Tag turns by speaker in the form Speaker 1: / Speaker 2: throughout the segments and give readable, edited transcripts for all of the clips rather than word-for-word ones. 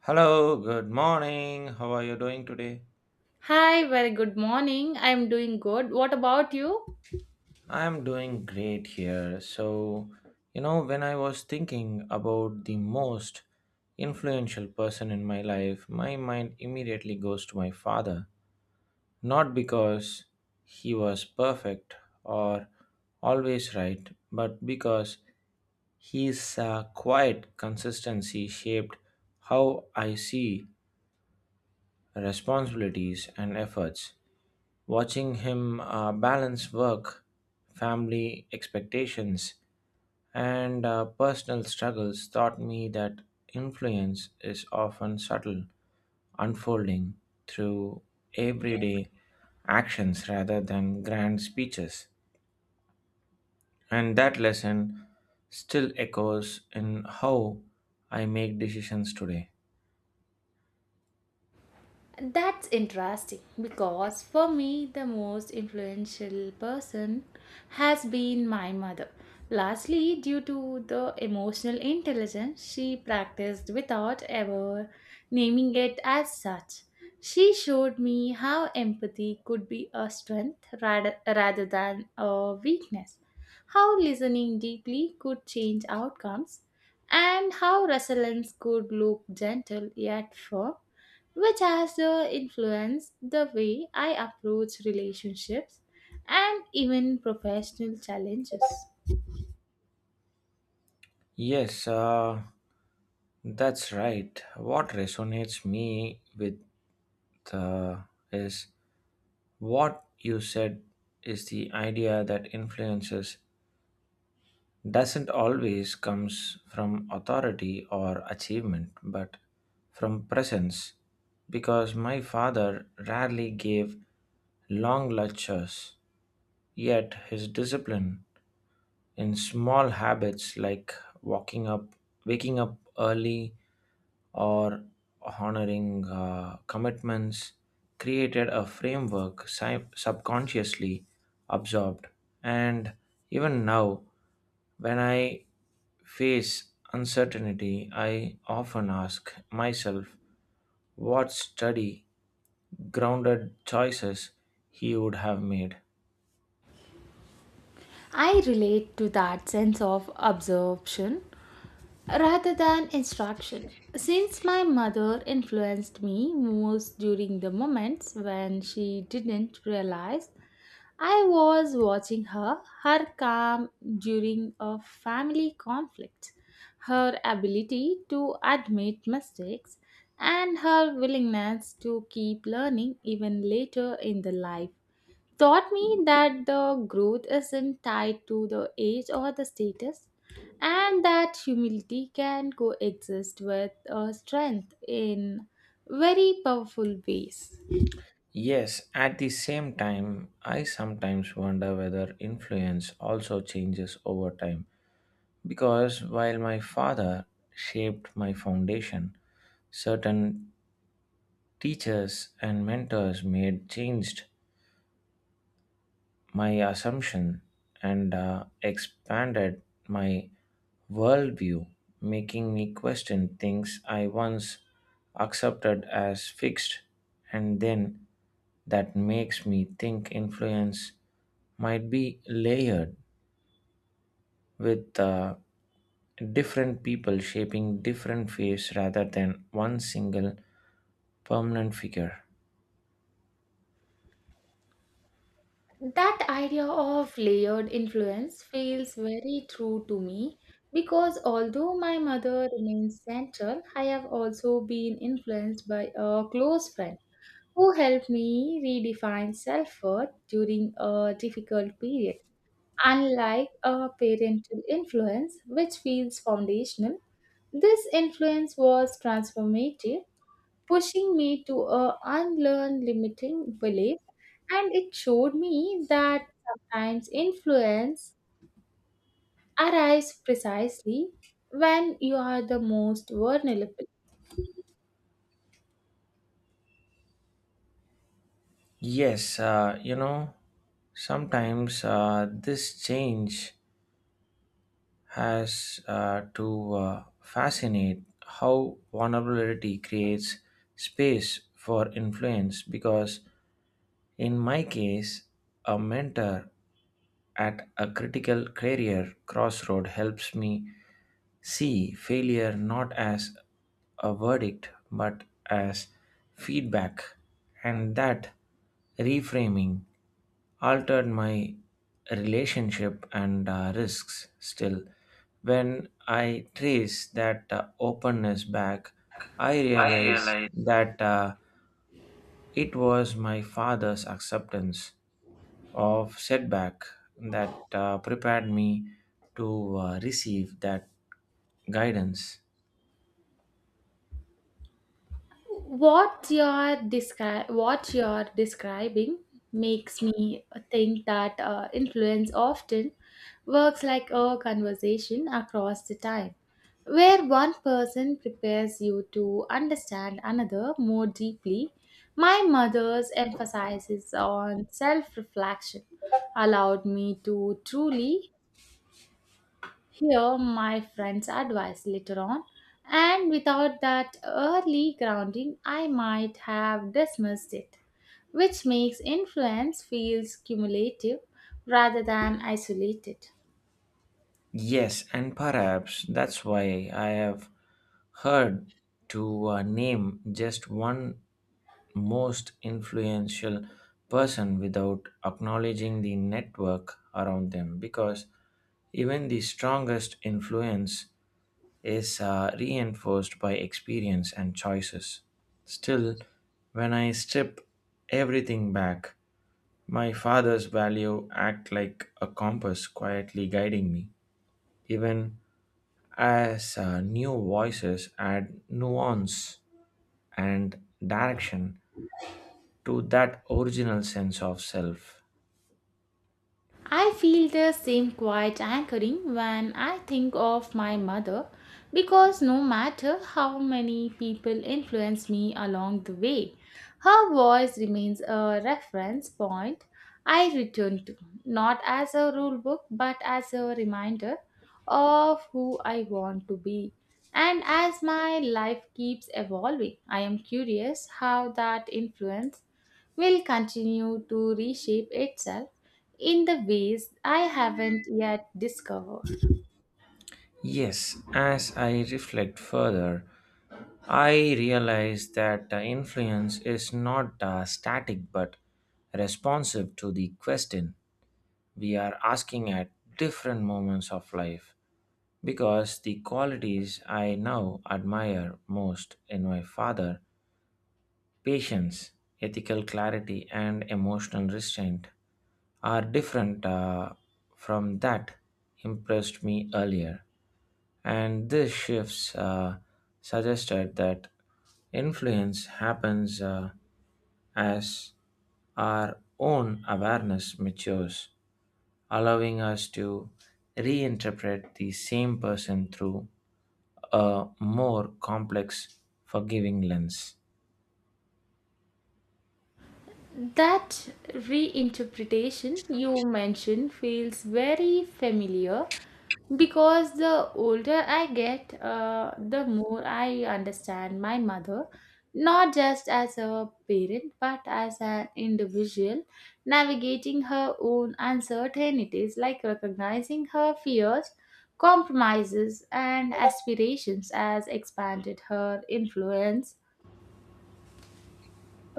Speaker 1: Hello, good morning. How are you doing today?
Speaker 2: Hi, very good morning. I'm doing good. What about you?
Speaker 1: I'm doing great here. When I was thinking about the most influential person in my life, my mind immediately goes to my father. Not because he was perfect or always right, but because his quiet consistency shaped how I see responsibilities and efforts. Watching him balance work, family expectations, and personal struggles taught me that influence is often subtle, unfolding through everyday actions rather than grand speeches. And that lesson still echoes in how I make decisions today.
Speaker 2: That's interesting because for me, the most influential person has been my mother. Lastly, due to the emotional intelligence she practiced without ever naming it as such, she showed me how empathy could be a strength rather than a weakness, how listening deeply could change outcomes, and how resilience could look gentle yet firm which has influenced the way I approach relationships and even professional challenges.
Speaker 1: Yes, that's right. What resonates me with uh, is what you said is the idea that influences doesn't always comes from authority or achievement but from presence, because my father rarely gave long lectures, yet his discipline in small habits like walking up waking up early or honoring commitments created a framework subconsciously absorbed. And even now, when I face uncertainty, I often ask myself what study grounded choices he would have made.
Speaker 2: I relate to that sense of absorption rather than instruction. Since my mother influenced me most during the moments when she didn't realize I was watching her, her calm during a family conflict, her ability to admit mistakes, and her willingness to keep learning even later in the life taught me that the growth isn't tied to the age or the status and that humility can coexist with strength in very powerful ways.
Speaker 1: Yes, at the same time, I sometimes wonder whether influence also changes over time, because while my father shaped my foundation, certain teachers and mentors made changed my assumption and expanded my worldview, making me question things I once accepted as fixed, and then that makes me think influence might be layered with different people shaping different faces rather than one single permanent figure.
Speaker 2: That idea of layered influence feels very true to me because although my mother remains central, I have also been influenced by a close friend who helped me redefine self worth during a difficult period. Unlike a parental influence, which feels foundational, this influence was transformative, pushing me to a unlearn limiting belief. And it showed me that sometimes influence arrives precisely when you are the most vulnerable.
Speaker 1: Yes, you know, sometimes this change has to fascinate how vulnerability creates space for influence, because in my case a mentor at a critical career crossroad helps me see failure not as a verdict but as feedback, and that reframing altered my relationship and risks. Still, when I trace that openness back, I
Speaker 2: I
Speaker 1: realize
Speaker 2: realize
Speaker 1: that it was my father's acceptance of setback that prepared me to receive that guidance.
Speaker 2: what you're describing makes me think that influence often works like a conversation across the time where one person prepares you to understand another more deeply. My mother's emphasis on self-reflection allowed me to truly hear my friend's advice later on, and without that early grounding, I might have dismissed it, which makes influence feels cumulative rather than isolated.
Speaker 1: Yes, and perhaps that's why I have heard to name just one most influential person without acknowledging the network around them, because even the strongest influence is reinforced by experience and choices. Still, when I strip everything back, my father's value act like a compass quietly guiding me, even as new voices add nuance and direction to that original sense of self.
Speaker 2: I feel the same quiet anchoring when I think of my mother because no matter how many people influence me along the way, her voice remains a reference point I return to, not as a rule book but as a reminder of who I want to be. And as my life keeps evolving, I am curious how that influence will continue to reshape itself in the ways I haven't yet discovered.
Speaker 1: Yes, as I reflect further, I realize that the influence is not static but responsive to the question we are asking at different moments of life. Because the qualities I now admire most in my father, patience, ethical clarity, and emotional restraint are different from that impressed me earlier. And these shifts suggested that influence happens as our own awareness matures, allowing us to reinterpret the same person through a more complex, forgiving lens.
Speaker 2: That reinterpretation you mentioned feels very familiar because the older I get, the more I understand my mother, not just as a parent but as an individual navigating her own uncertainties, like recognizing her fears. Compromises and aspirations as expanded her influence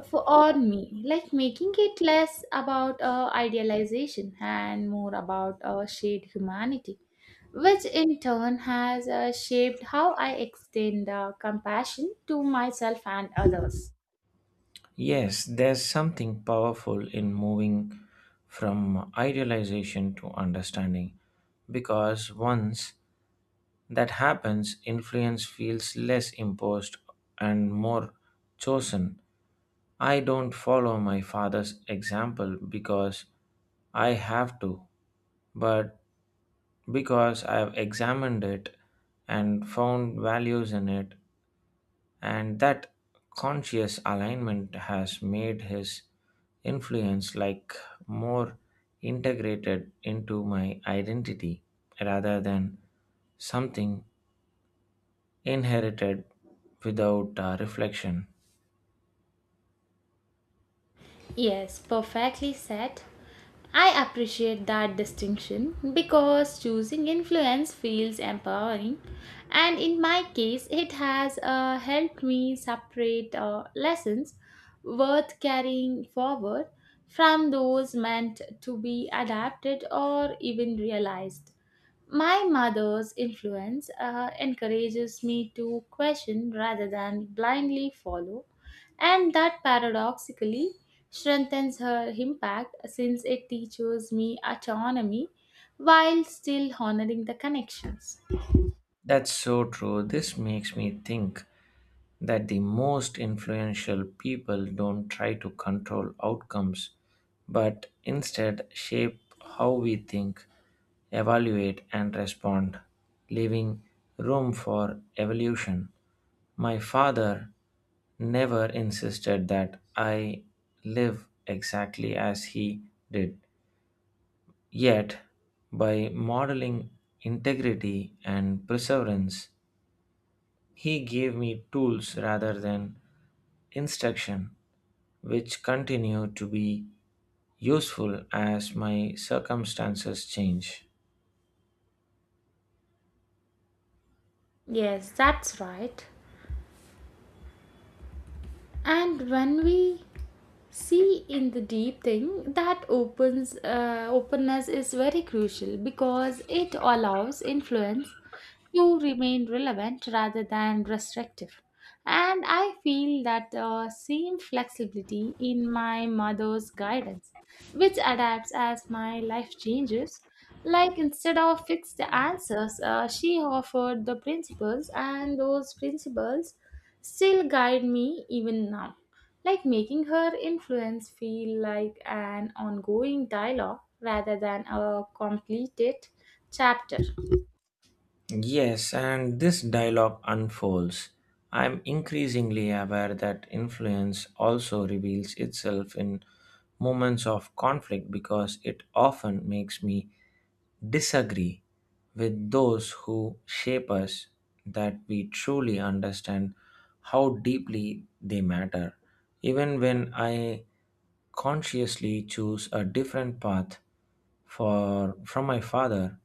Speaker 2: for or me, like making it less about idealization and more about shared humanity, which in turn has shaped how I extend compassion to myself and others.
Speaker 1: Yes, there's something powerful in moving from idealization to understanding, because once that happens, influence feels less imposed and more chosen. I don't follow my father's example because I have to, but because I've examined it and found values in it, and that conscious alignment has made his influence like more integrated into my identity rather than something inherited without reflection.
Speaker 2: Yes, perfectly said. I appreciate that distinction because choosing influence feels empowering, and in my case, it has helped me separate lessons worth carrying forward from those meant to be adapted or even realized. My mother's influence encourages me to question rather than blindly follow, and that paradoxically strengthens her impact since it teaches me autonomy while still honoring the connections.
Speaker 1: That's so true. This makes me think that the most influential people don't try to control outcomes but instead shape how we think, evaluate, and respond, leaving room for evolution. My father never insisted that I live exactly as he did, yet, by modeling integrity and perseverance, he gave me tools rather than instruction, which continue to be useful as my circumstances change.
Speaker 2: Yes, that's right. And when we see in the deep thing that opens openness is very crucial because it allows influence to remain relevant rather than restrictive, and I feel that the same flexibility in my mother's guidance, which adapts as my life changes, like instead of fixed answers, she offered the principles, and those principles still guide me even now, like making her influence feel like an ongoing dialogue rather than a completed chapter.
Speaker 1: Yes, and this dialogue unfolds. I'm increasingly aware that influence also reveals itself in moments of conflict, because it often makes me disagree with those who shape us that we truly understand how deeply they matter. Even when I consciously choose a different path for from my father,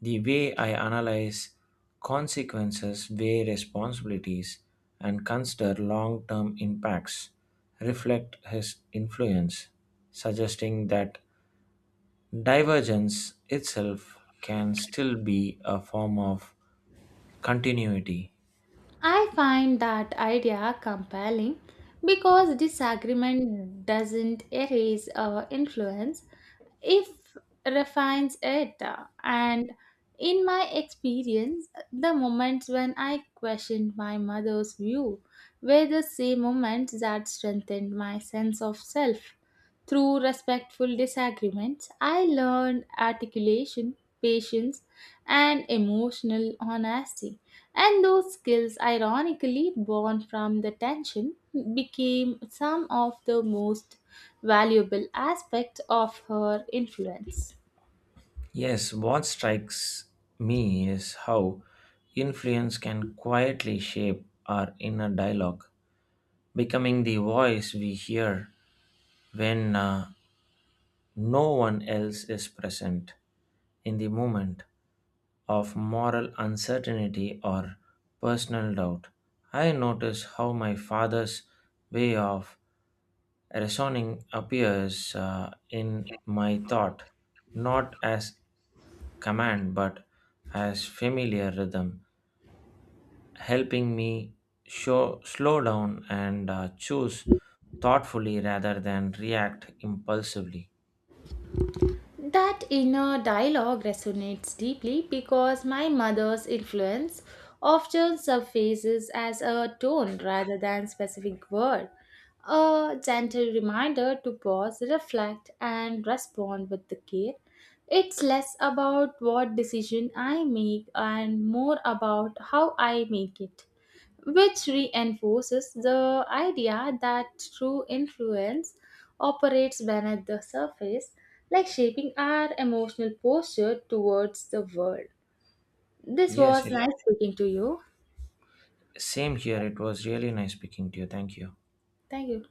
Speaker 1: the way I analyze consequences, weigh responsibilities, and consider long term impacts reflect his influence, suggesting that divergence itself can still be a form of continuity.
Speaker 2: I find that idea compelling because disagreement doesn't erase our influence, it refines it. And in my experience, the moments when I questioned my mother's view were the same moments that strengthened my sense of self. Through respectful disagreements, I learned articulation, patience, and emotional honesty. And those skills, ironically born from the tension, became some of the most valuable aspects of her influence.
Speaker 1: Yes, what strikes me is how influence can quietly shape our inner dialogue, becoming the voice we hear when, no one else is present, in the moment of moral uncertainty or personal doubt. I notice how my father's way of reasoning appears in my thought, not as command but as familiar rhythm, helping me slow down and choose thoughtfully rather than react impulsively.
Speaker 2: That inner dialogue resonates deeply because my mother's influence often surfaces as a tone rather than specific word, a gentle reminder to pause, reflect, and respond with the care. It's less about what decision I make and more about how I make it, which reinforces the idea that true influence operates beneath the surface, like shaping our emotional posture towards the world. This
Speaker 1: Yes,
Speaker 2: was
Speaker 1: it
Speaker 2: nice speaking to you.
Speaker 1: Same here. It was really nice speaking to you. Thank you.
Speaker 2: Thank you.